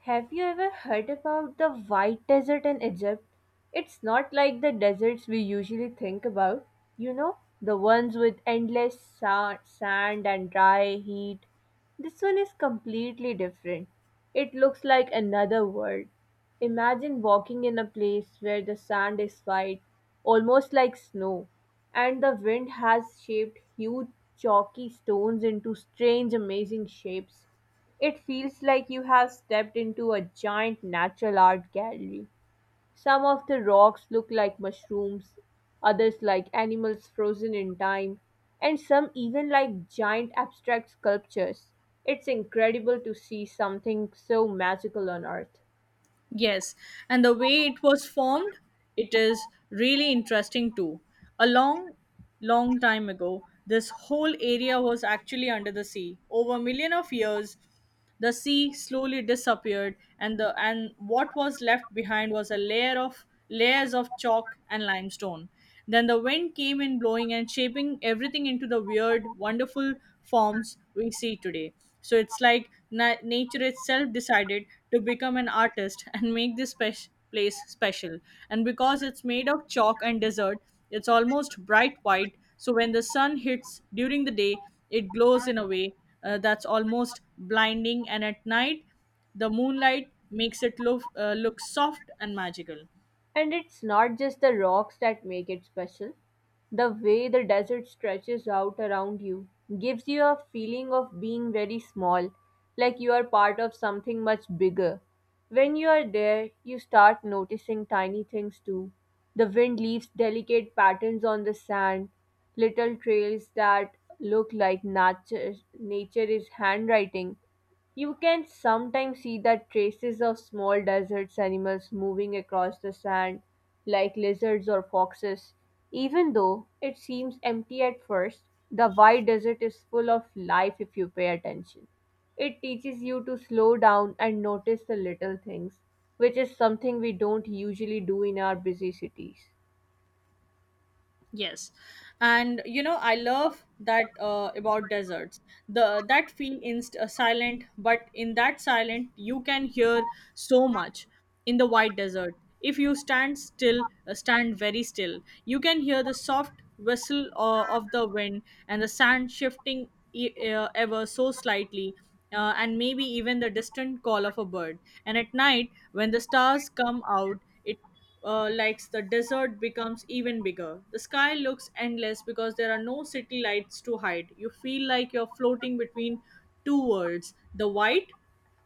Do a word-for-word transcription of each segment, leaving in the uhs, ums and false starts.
Have you ever heard about the White Desert in Egypt? It's not like the deserts we usually think about. You know, the ones with endless sa- sand and dry heat. This one is completely different. It looks like another world. Imagine walking in a place where the sand is white, almost like snow, and the wind has shaped huge chalky stones into strange, amazing shapes. It feels like you have stepped into a giant natural art gallery. Some of the rocks look like mushrooms, others like animals frozen in time, and some even like giant abstract sculptures. It's incredible to see something so magical on Earth. Yes, and the way it was formed, it is really interesting too. A long, long time ago, this whole area was actually under the sea. Over a million of years, the sea slowly disappeared, and the and what was left behind was a layer of layers of chalk and limestone. Then the wind came in blowing and shaping everything into the weird, wonderful forms we see today. So it's like na- nature itself decided to become an artist and make this spec- place special. And because it's made of chalk and desert, it's almost bright white. So when the sun hits during the day, it glows in a way uh, that's almost blinding. And at night, the moonlight makes it look uh, look soft and magical. And it's not just the rocks that make it special. The way the desert stretches out around you gives you a feeling of being very small, like you are part of something much bigger. When you are there, you start noticing tiny things too. The wind leaves delicate patterns on the sand, little trails that look like nature, nature is handwriting. You can sometimes see the traces of small desert animals moving across the sand, like lizards or foxes. Even though it seems empty at first, the wide desert is full of life if you pay attention. It teaches you to slow down and notice the little things, which is something we don't usually do in our busy cities. Yes, and you know I love that uh, about deserts. The that feel inst uh, silent, but in that silent you can hear so much in the white desert. If you stand still, uh, stand very still, you can hear the soft whistle uh, of the wind and the sand shifting e- uh, ever so slightly. Uh, and maybe even the distant call of a bird. And at night, when the stars come out, it uh, likes the desert becomes even bigger. The sky looks endless because there are no city lights to hide. You feel like you're floating between two worlds, the white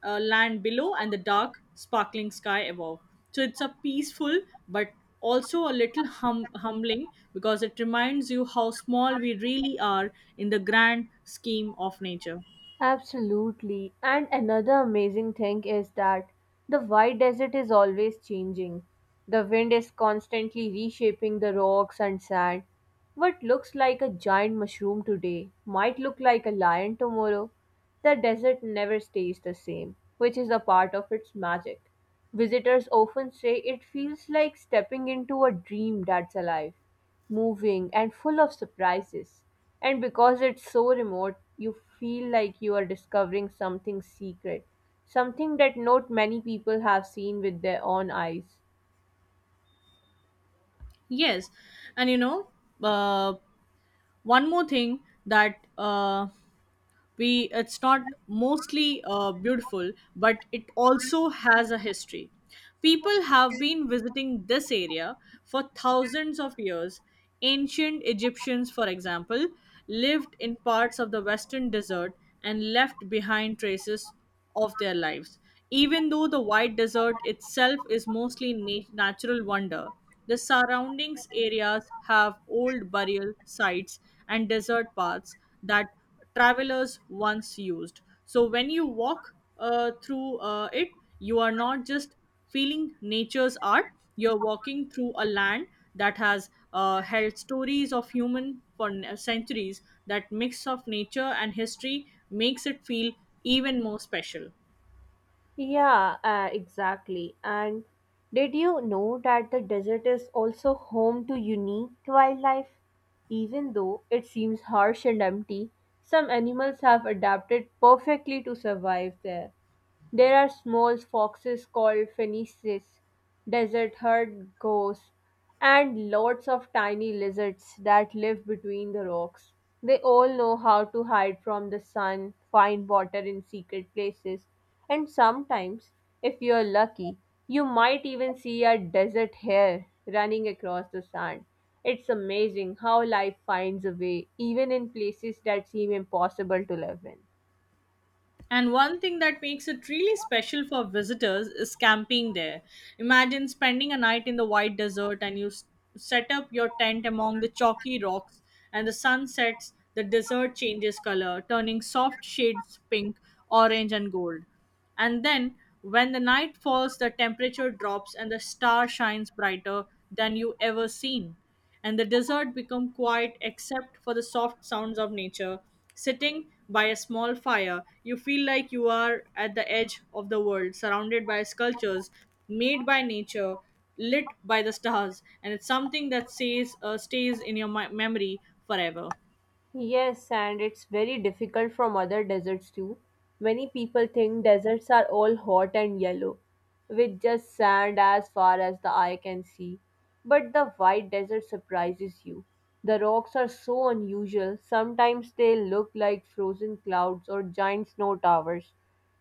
uh, land below and the dark, sparkling sky above. So it's a peaceful but also a little hum- humbling because it reminds you how small we really are in the grand scheme of nature. Absolutely. And another amazing thing is that the white desert is always changing. The wind is constantly reshaping the rocks and sand. What looks like a giant mushroom today might look like a lion tomorrow. The desert never stays the same, which is a part of its magic. Visitors often say it feels like stepping into a dream that's alive, moving and full of surprises. And because it's so remote, you feel like you are discovering something secret, something that not many people have seen with their own eyes. Yes, and you know, uh, one more thing that uh, we it's not mostly uh, beautiful, but it also has a history. People have been visiting this area for thousands of years. Ancient Egyptians, for example, lived in parts of the Western Desert and left behind traces of their lives. Even though the white desert itself is mostly na- natural wonder, the surroundings areas have old burial sites and desert paths that travelers once used. So when you walk uh, through uh, it, you are not just feeling nature's art, you're walking through a land that has uh, held stories of human for n- centuries. That mix of nature and history makes it feel even more special. Yeah, uh, exactly. And did you know that the desert is also home to unique wildlife? Even though it seems harsh and empty, some animals have adapted perfectly to survive there. There are small foxes called fennices, desert herd goats, and lots of tiny lizards that live between the rocks. They all know how to hide from the sun, find water in secret places, and sometimes, if you're lucky, you might even see a desert hare running across the sand. It's amazing how life finds a way, even in places that seem impossible to live in. And one thing that makes it really special for visitors is camping there. Imagine spending a night in the white desert and you s- set up your tent among the chalky rocks, and the sun sets, the desert changes color, turning soft shades pink, orange, and gold. And then, when the night falls, the temperature drops and the star shines brighter than you ever seen. And the desert become quiet except for the soft sounds of nature. Sitting by a small fire, you feel like you are at the edge of the world, surrounded by sculptures made by nature, lit by the stars, and it's something that stays uh, stays in your mi- memory forever. Yes, and it's very difficult from other deserts too. Many people think deserts are all hot and yellow, with just sand as far as the eye can see. But the white desert surprises you. The rocks are so unusual, sometimes they look like frozen clouds or giant snow towers.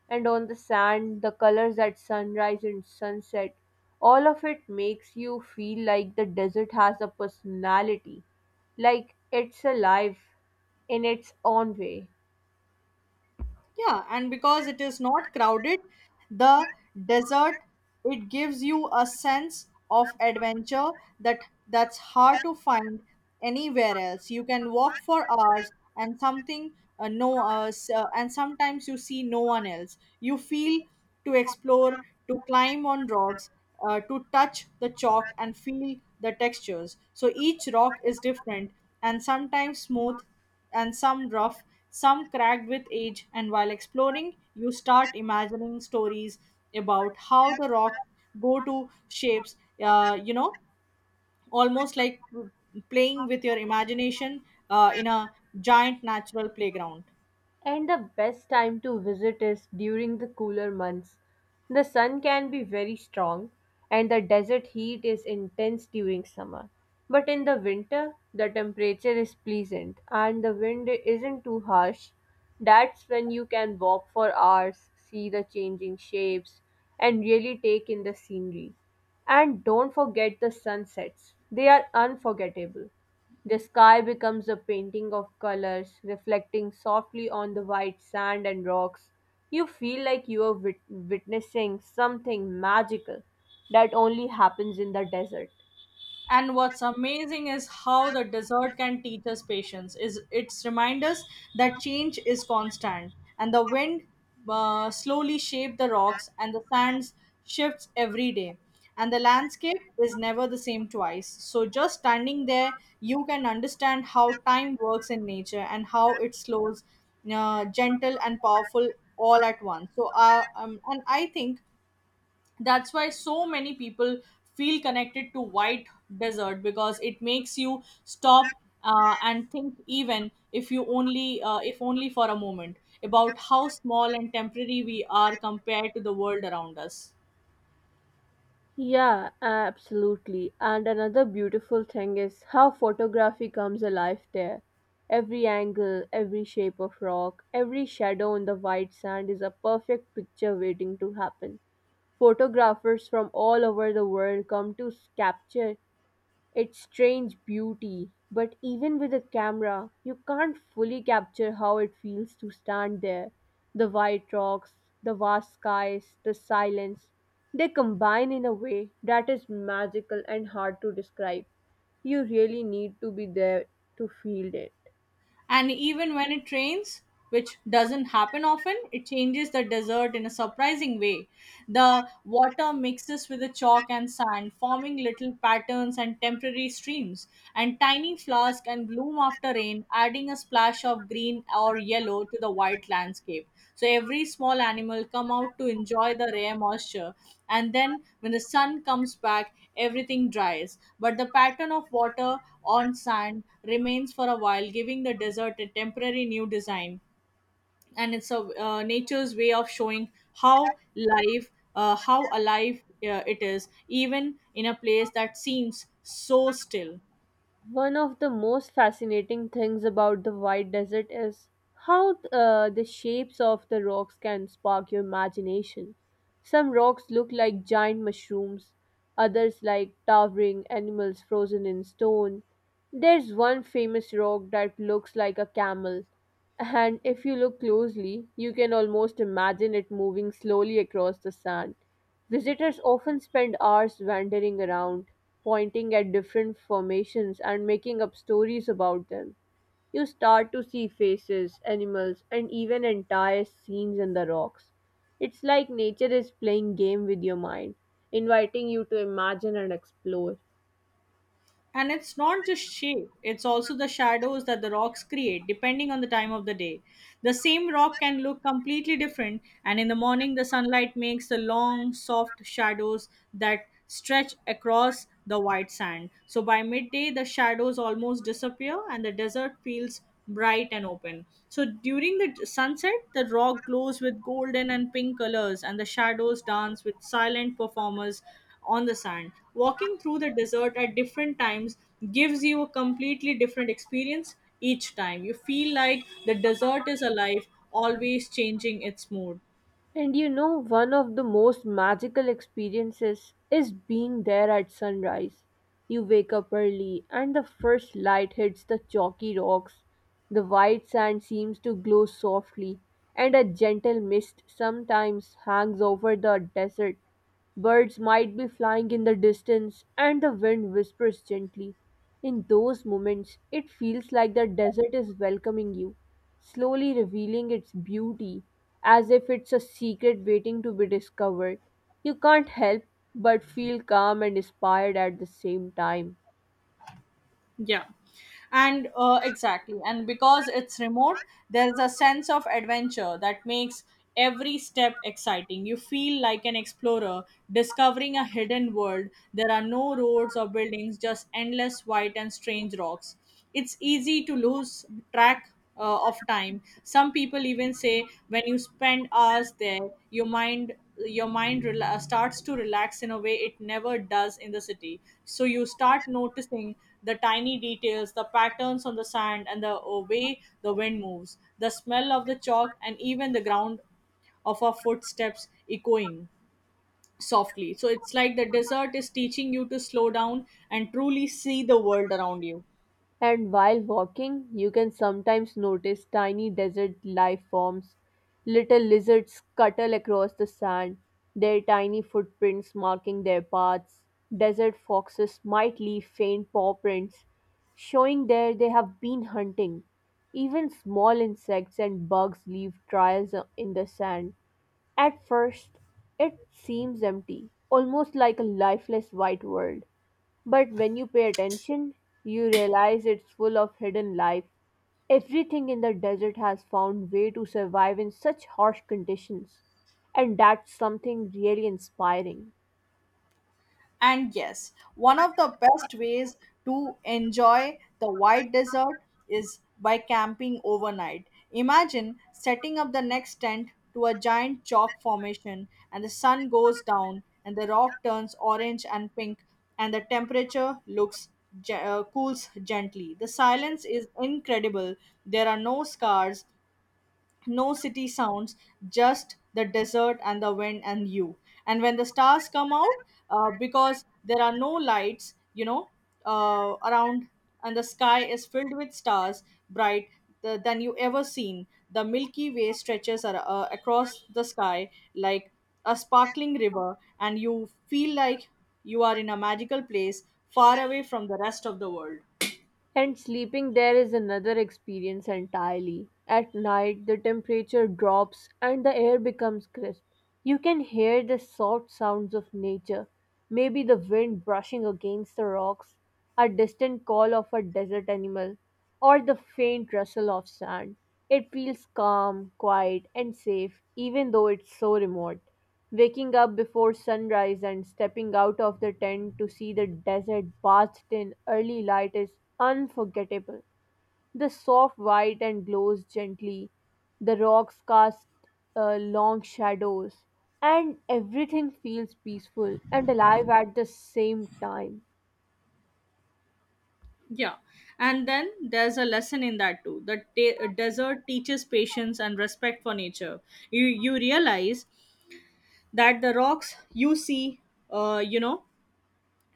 And on the sand, the colors at sunrise and sunset, all of it makes you feel like the desert has a personality. Like it's alive in its own way. Yeah, and because it is not crowded, the desert it gives you a sense of adventure that that's hard to find anywhere else. You can walk for hours and something uh, no uh, s- uh, and sometimes you see no one else. You feel to explore, to climb on rocks, uh, to touch the chalk and feel the textures. So each rock is different, and sometimes smooth and some rough, some cracked with age. And while exploring, you start imagining stories about how the rocks go to shapes, uh, you know, almost like playing with your imagination uh, in a giant natural playground. And the best time to visit is during the cooler months. The sun can be very strong and the desert heat is intense during summer. But in the winter, the temperature is pleasant and the wind isn't too harsh. That's when you can walk for hours, see the changing shapes, and really take in the scenery. And don't forget the sunsets, they are unforgettable. The sky becomes a painting of colors, reflecting softly on the white sand and rocks. You feel like you are wit- witnessing something magical that only happens in the desert. And what's amazing is how the desert can teach us patience. Is it's remind us that change is constant, and the wind uh, slowly shape the rocks, and the sands shifts every day, and the landscape is never the same twice. So just standing there, you can understand how time works in nature and how it slows, uh, gentle and powerful all at once. So uh, um, and I think that's why so many people feel connected to white desert because it makes you stop uh, and think, even if you only uh, if only for a moment about how small and temporary we are compared to the world around us. Yeah, absolutely. And another beautiful thing is how photography comes alive there. Every angle, every shape of rock, every shadow on the white sand is a perfect picture waiting to happen. Photographers from all over the world come to s- capture its strange beauty, but even with a camera, you can't fully capture how it feels to stand there. The white rocks, the vast skies, the silence, they combine in a way that is magical and hard to describe. You really need to be there to feel it. And even when it rains, which doesn't happen often, it changes the desert in a surprising way. The water mixes with the chalk and sand, forming little patterns and temporary streams, and tiny flowers can bloom after rain, adding a splash of green green or yellow to the white landscape. So every small animal come out to enjoy the rare moisture, and then when the sun comes back everything dries, but the pattern of water on sand remains for a while, giving the desert a temporary new design. And it's a uh, nature's way of showing how life uh, how alive uh, it is, even in a place that seems so still. One of the most fascinating things about the White Desert is how uh, the shapes of the rocks can spark your imagination. Some rocks look like giant mushrooms, others like towering animals frozen in stone. There's one famous rock that looks like a camel, and if you look closely, you can almost imagine it moving slowly across the sand. Visitors often spend hours wandering around, pointing at different formations and making up stories about them. You start to see faces, animals, and even entire scenes in the rocks. It's like nature is playing game with your mind, inviting you to imagine and explore. And it's not just shape, it's also the shadows that the rocks create depending on the time of the day. The same rock can look completely different, and in the morning, the sunlight makes the long, soft shadows that stretch across the white sand. So by midday, the shadows almost disappear, and the desert feels bright and open. So during the sunset, the rock glows with golden and pink colors, and the shadows dance with silent performers on the sand. Walking through the desert at different times gives you a completely different experience each time. You feel like the desert is alive, always changing its mood. And you know, one of the most magical experiences is being there at sunrise. You wake up early and the first light hits the chalky rocks. The white sand seems to glow softly, and a gentle mist sometimes hangs over the desert. Birds might be flying in the distance, and the wind whispers gently. In those moments, it feels like the desert is welcoming you, slowly revealing its beauty as if it's a secret waiting to be discovered. You can't help but feel calm and inspired at the same time. Yeah. And uh, exactly. And because it's remote, there's a sense of adventure that makes every step exciting. You feel like an explorer discovering a hidden world. There are no roads or buildings, just endless white and strange rocks. It's easy to lose track uh, of time. Some people even say when you spend hours there, your mind your mind rela- uh, starts to relax in a way it never does in the city. So you start noticing the tiny details, the patterns on the sand, and the uh, way the wind moves, the smell of the chalk, and even the ground of our footsteps echoing softly. So it's like the desert is teaching you to slow down and truly see the world around you. And while walking, you can sometimes notice tiny desert life forms. Little lizards scuttle across the sand, their tiny footprints marking their paths. Desert foxes might leave faint paw prints, showing there they have been hunting. Even small insects and bugs leave trails in the sand. At first, it seems empty, almost like a lifeless white world. But when you pay attention, you realize it's full of hidden life. Everything in the desert has found way to survive in such harsh conditions, and that's something really inspiring. And yes, one of the best ways to enjoy the white desert is by camping overnight. Imagine setting up the next tent to a giant chalk formation, and the sun goes down, and the rock turns orange and pink, and the temperature looks ge- uh, cools gently. The silence is incredible. There are no scars, no city sounds, just the desert and the wind and you. And when the stars come out, uh, because there are no lights, you know, uh, around, and the sky is filled with stars, bright th- than you ever seen. The Milky Way stretches ar- uh, across the sky like a sparkling river, and you feel like you are in a magical place far away from the rest of the world. And sleeping there is another experience entirely. At night, the temperature drops and the air becomes crisp. You can hear the soft sounds of nature, maybe the wind brushing against the rocks, a distant call of a desert animal, or the faint rustle of sand. It feels calm, quiet, and safe, even though it's so remote. Waking up before sunrise and stepping out of the tent to see the desert bathed in early light is unforgettable. The soft white and glows gently, the rocks cast uh, long shadows, and everything feels peaceful and alive at the same time. Yeah, and then there's a lesson in that too. The ta desert teaches patience and respect for nature. You you realize that the rocks you see, uh, you know,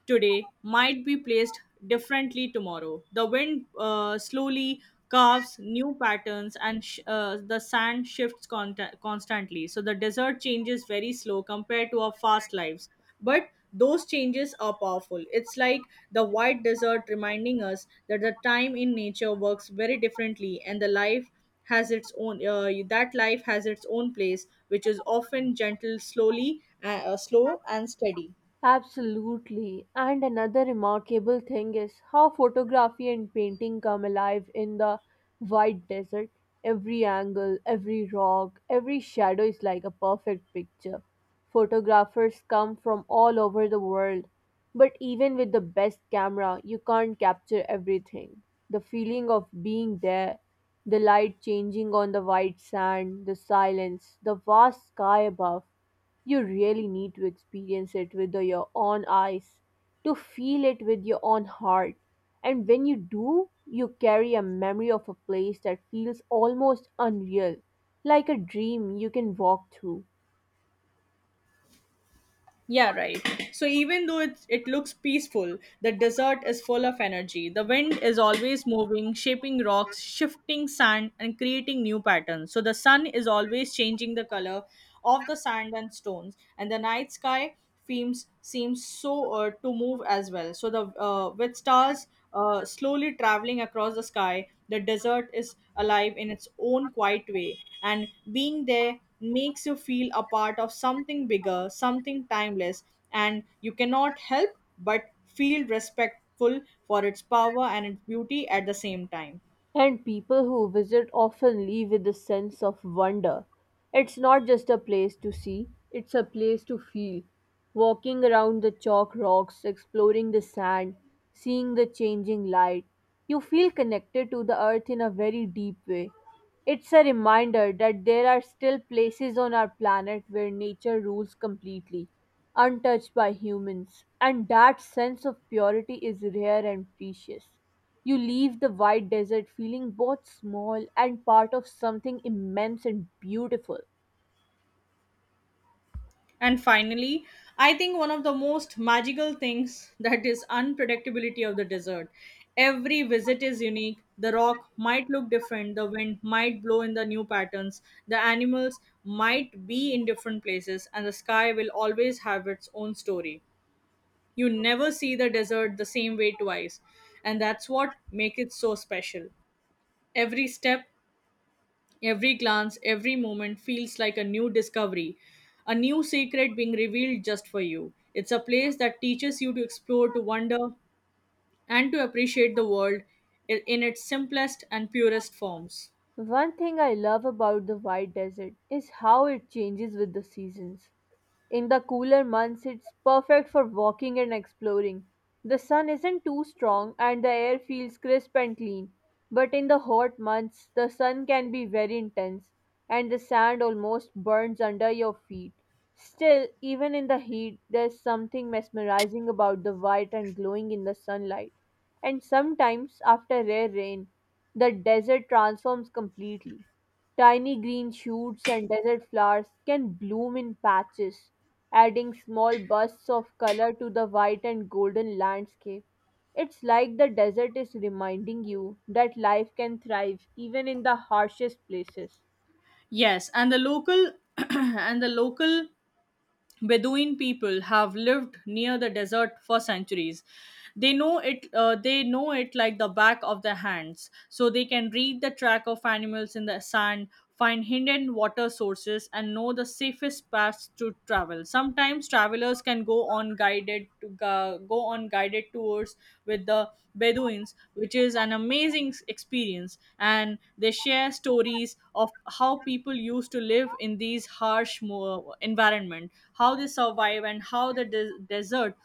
today might be placed differently tomorrow. The wind uh, slowly carves new patterns, and sh- uh, the sand shifts con- constantly. So the desert changes very slow compared to our fast lives. But those changes are powerful. It's like the white desert reminding us that the time in nature works very differently, and the life has its own uh, that life has its own place, which is often gentle, slowly uh, uh, slow and steady. Absolutely. And another remarkable thing is how photography and painting come alive in the white desert. Every angle, every rock, every shadow is like a perfect picture. Photographers come from all over the world. But even with the best camera, you can't capture everything. The feeling of being there, the light changing on the white sand, the silence, the vast sky above, you really need to experience it with the- your own eyes, to feel it with your own heart. And when you do, you carry a memory of a place that feels almost unreal, like a dream you can walk through. Yeah, right. So even though it, it looks peaceful, the desert is full of energy. The wind is always moving, shaping rocks, shifting sand, and creating new patterns. So the sun is always changing the color of the sand and stones, and the night sky themes seems so uh, to move as well. So the uh, with stars uh, slowly traveling across the sky, the desert is alive in its own quiet way, and being there makes you feel a part of something bigger, something timeless, and you cannot help but feel respectful for its power and its beauty at the same time. And people who visit often leave with a sense of wonder. It's not just a place to see, it's a place to feel. Walking around the chalk rocks, exploring the sand, seeing the changing light, you feel connected to the earth in a very deep way. It's a reminder that there are still places on our planet where nature rules completely, untouched by humans, and that sense of purity is rare and precious. You leave the wide desert feeling both small and part of something immense and beautiful. And finally, I think one of the most magical things that is unpredictability of the desert. Every visit is unique. The rock might look different, the wind might blow in the new patterns, the animals might be in different places, and the sky will always have its own story. You never see the desert the same way twice, and that's what makes it so special. Every step, every glance, every moment feels like a new discovery, a new secret being revealed just for you. It's a place that teaches you to explore, to wonder, and to appreciate the world i- in its simplest and purest forms. One thing I love about the White Desert is how it changes with the seasons. In the cooler months, it's perfect for walking and exploring. The sun isn't too strong and the air feels crisp and clean. But in the hot months, the sun can be very intense and the sand almost burns under your feet. Still, even in the heat, there's something mesmerizing about the white and glowing in the sunlight. And sometimes, after rare rain, the desert transforms completely. Tiny green shoots and desert flowers can bloom in patches, adding small bursts of color to the white and golden landscape. It's like the desert is reminding you that life can thrive even in the harshest places. Yes, and the local and the local Bedouin people have lived near the desert for centuries. They know it. Uh, they know it like the back of their hands, so they can read the track of animals in the sand, find hidden water sources, and know the safest paths to travel. Sometimes travelers hikers can go on guided to go, go on guided tours with the Bedouins, which is an amazing s- experience. And they share stories of how people used to live in these harsh mo- environment, how they survive, and how the de- desert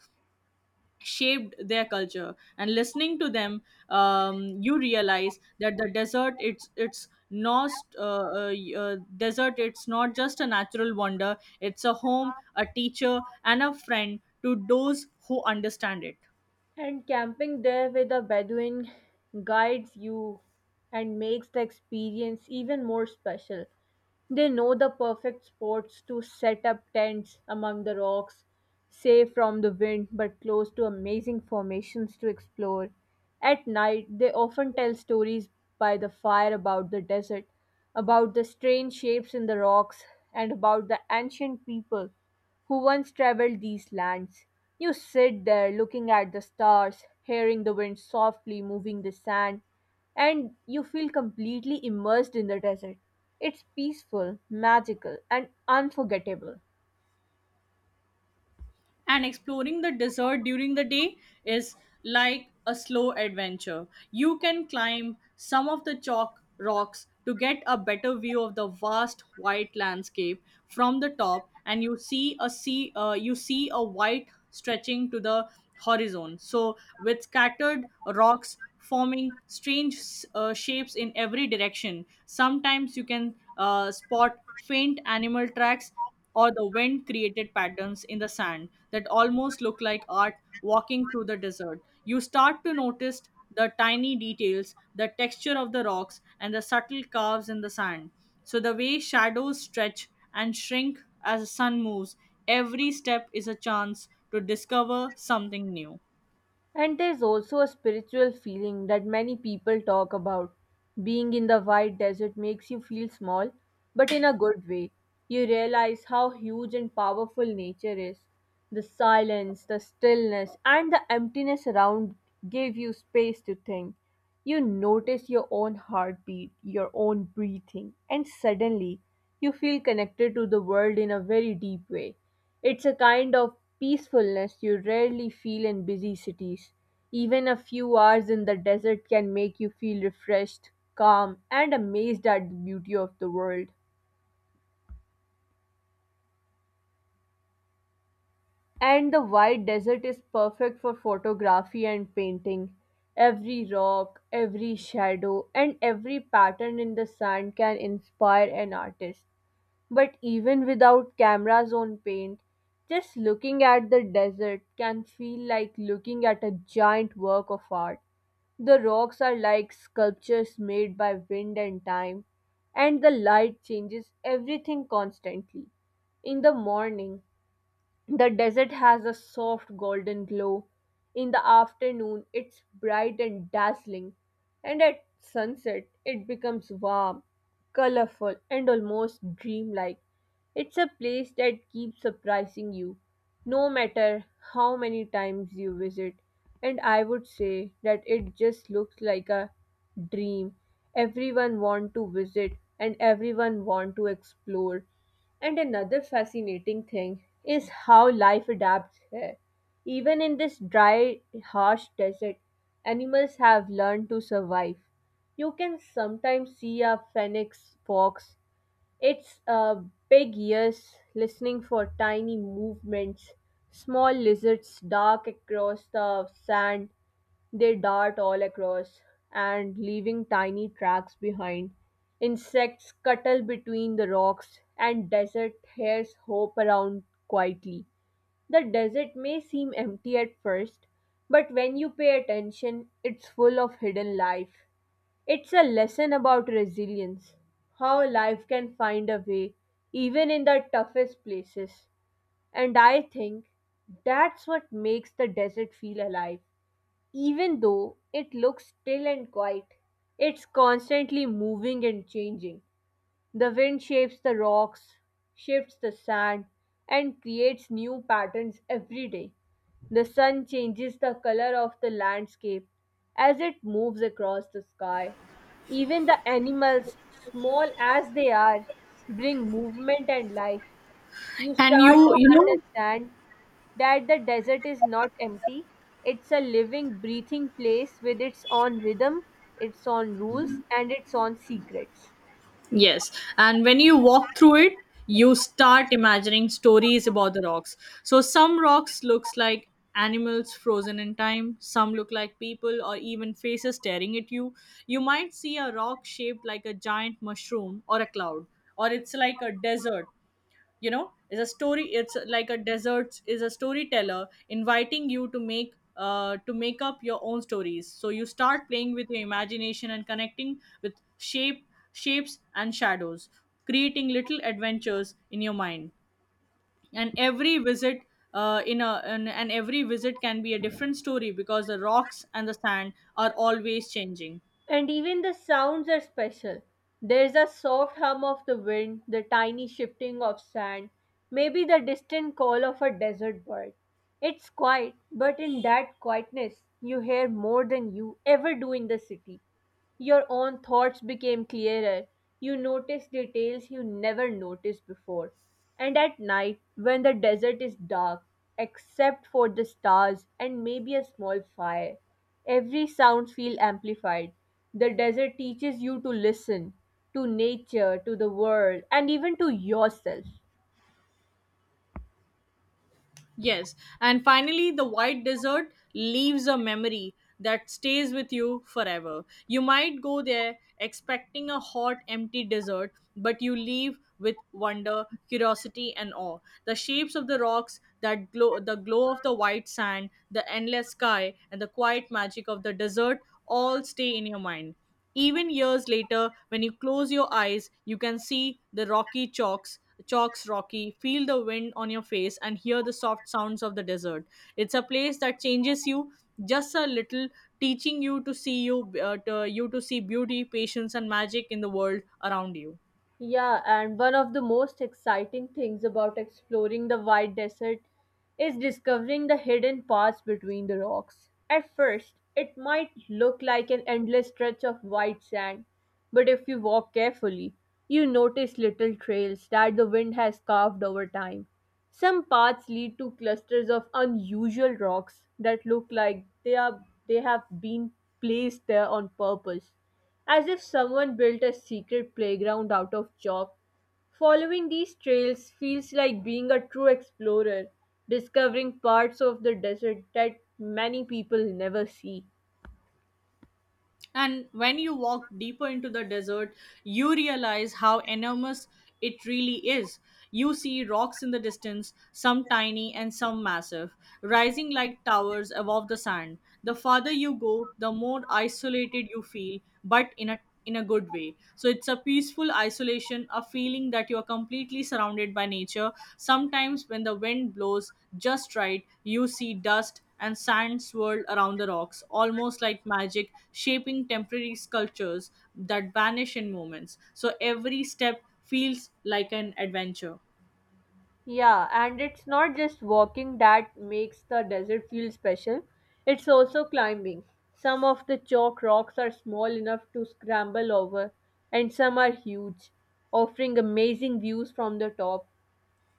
shaped their culture and listening to them um, you realize that the desert it's it's not uh, uh, y- uh, desert it's not just a natural wonder, it's a home, a teacher, and a friend to those who understand it. And camping there with a Bedouin guides you and makes the experience even more special. They know the perfect spots to set up tents among the rocks, safe from the wind but close to amazing formations to explore. At night, they often tell stories by the fire about the desert, about the strange shapes in the rocks, and about the ancient people who once traveled these lands. You sit there looking at the stars, hearing the wind softly moving the sand, and you feel completely immersed in the desert. It's peaceful, magical, and unforgettable. And exploring the desert during the day is like a slow adventure. You can climb some of the chalk rocks to get a better view of the vast white landscape from the top, and you see a sea uh, you see a white stretching to the horizon, so with scattered rocks forming strange uh, shapes in every direction. Sometimes you can uh, spot faint animal tracks or the wind created patterns in the sand that almost look like art. Walking through the desert, you start to notice the tiny details, the texture of the rocks, and the subtle curves in the sand. So, the way shadows stretch and shrink as the sun moves, every step is a chance to discover something new. And there's also a spiritual feeling that many people talk about. Being in the white desert makes you feel small, but in a good way. You realize how huge and powerful nature is. The silence, the stillness, and the emptiness around give you space to think. You notice your own heartbeat, your own breathing, and suddenly you feel connected to the world in a very deep way. It's a kind of peacefulness you rarely feel in busy cities. Even a few hours in the desert can make you feel refreshed, calm, and amazed at the beauty of the world. And the white desert is perfect for photography and painting. Every rock, every shadow, and every pattern in the sand can inspire an artist. But even without cameras on paint, just looking at the desert can feel like looking at a giant work of art. The rocks are like sculptures made by wind and time, and the light changes everything constantly. In the morning, the desert has a soft golden glow. In the afternoon, it's bright and dazzling, and at sunset, it becomes warm, colorful, and almost dreamlike. It's a place that keeps surprising you, no matter how many times you visit. And I would say that it just looks like a dream. Everyone want to visit and everyone want to explore. And another fascinating thing is how life adapts here. Even in this dry, harsh desert, animals have learned to survive. You can sometimes see a phoenix fox, it's uh, big ears listening for tiny movements, small lizards dark across the sand. They dart all across and leaving tiny tracks behind. Insects scuttle between the rocks and desert hares hop around quietly. The desert may seem empty at first, but when you pay attention, it's full of hidden life. It's a lesson about resilience, how life can find a way even in the toughest places. And I think that's what makes the desert feel alive. Even though it looks still and quiet, it's constantly moving and changing. The wind shapes the rocks, shifts the sand, and creates new patterns every day. The sun changes the color of the landscape as it moves across the sky. Even the animals, small as they are, bring movement and life. You And start you, to you know, understand that the desert is not empty. It's a living, breathing place with its own rhythm, its own rules, and its own secrets. yes, and when you walk through it, you start imagining stories about the rocks. So some rocks looks like animals frozen in time, some look like people or even faces staring at you. You might see a rock shaped like a giant mushroom or a cloud, or it's like a desert, you know, it's a story, it's like a desert is a storyteller inviting you to make uh, to make up your own stories. So you start playing with your imagination and connecting with shape shapes and shadows, creating little adventures in your mind. And every visit uh, in a and, and every visit can be a different story because the rocks and the sand are always changing. And even the sounds are special. There's a soft hum of the wind, the tiny shifting of sand, maybe the distant call of a desert bird. It's quiet, but in that quietness, you hear more than you ever do in the city. Your own thoughts became clearer. You noticed details you never noticed before. And at night, when the desert is dark, except for the stars and maybe a small fire, every sound feels amplified. The desert teaches you to listen to nature, to the world, and even to yourself. Yes. And finally, the white desert leaves a memory that stays with you forever. You might go there expecting a hot, empty desert, but you leave with wonder, curiosity, and awe. The shapes of the rocks, that glow, the glow of the white sand, the endless sky, and the quiet magic of the desert all stay in your mind. Even years later, when you close your eyes, you can see the rocky chalks, chalks rocky, feel the wind on your face, and hear the soft sounds of the desert. It's a place that changes you just a little, teaching you to see you, uh, to, you to see beauty, patience, and magic in the world around you. Yeah, and one of the most exciting things about exploring the White Desert is discovering the hidden paths between the rocks. At first, it might look like an endless stretch of white sand, but if you walk carefully, you notice little trails that the wind has carved over time. Some paths lead to clusters of unusual rocks that look like they are they have been placed there on purpose, as if someone built a secret playground out of chalk. Following these trails feels like being a true explorer, discovering parts of the desert that many people never see. And when you walk deeper into the desert, you realize how enormous it really is. You see rocks in the distance, some tiny and some massive, rising like towers above the sand. The farther you go, the more isolated you feel, but in a in a good way. So it's a peaceful isolation, a feeling that you are completely surrounded by nature. Sometimes when the wind blows just right, you see dust and sand swirled around the rocks, almost like magic, shaping temporary sculptures that vanish in moments. So every step feels like an adventure. Yeah, and it's not just walking that makes the desert feel special, it's also climbing. Some of the chalk rocks are small enough to scramble over, and some are huge, offering amazing views from the top.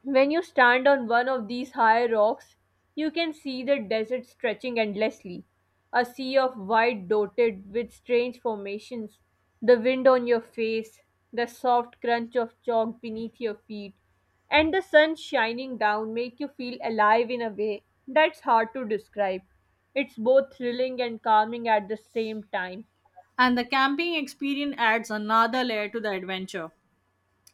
When you stand on one of these high rocks, you can see the desert stretching endlessly, a sea of white dotted with strange formations, the wind on your face, the soft crunch of chalk beneath your feet, and the sun shining down make you feel alive in a way that's hard to describe. It's both thrilling and calming at the same time. And the camping experience adds another layer to the adventure.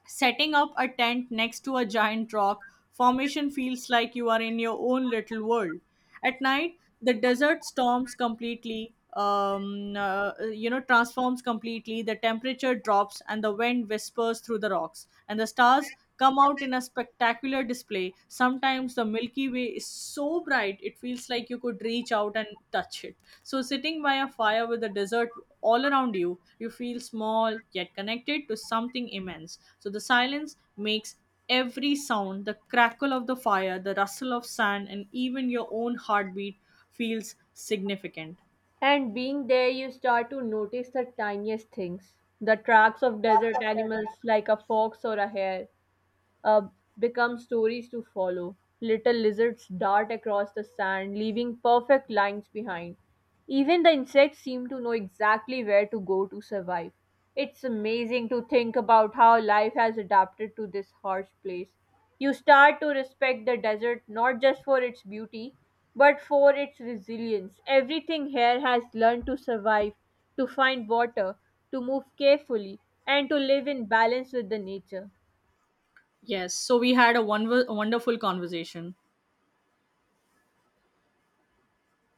Setting up a tent next to a giant rock formation feels like you are in your own little world. At night, the desert storms completely, um, uh, you know, transforms completely. The temperature drops and the wind whispers through the rocks, and the stars come out in a spectacular display. Sometimes the Milky Way is so bright, it feels like you could reach out and touch it. So, sitting by a fire with the desert all around you, you feel small yet connected to something immense. So, the silence makes every sound, the crackle of the fire, the rustle of sand, and even your own heartbeat feels significant. And being there, you start to notice the tiniest things, the tracks of desert animals like a fox or a hare, uh, become stories to follow. Little lizards dart across the sand, leaving perfect lines behind. Even the insects seem to know exactly where to go to survive. It's amazing to think about how life has adapted to this harsh place. You start to respect the desert not just for its beauty, but for its resilience. Everything here has learned to survive, to find water, to move carefully, and to live in balance with the nature. Yes, so we had a wonderful, wonderful conversation.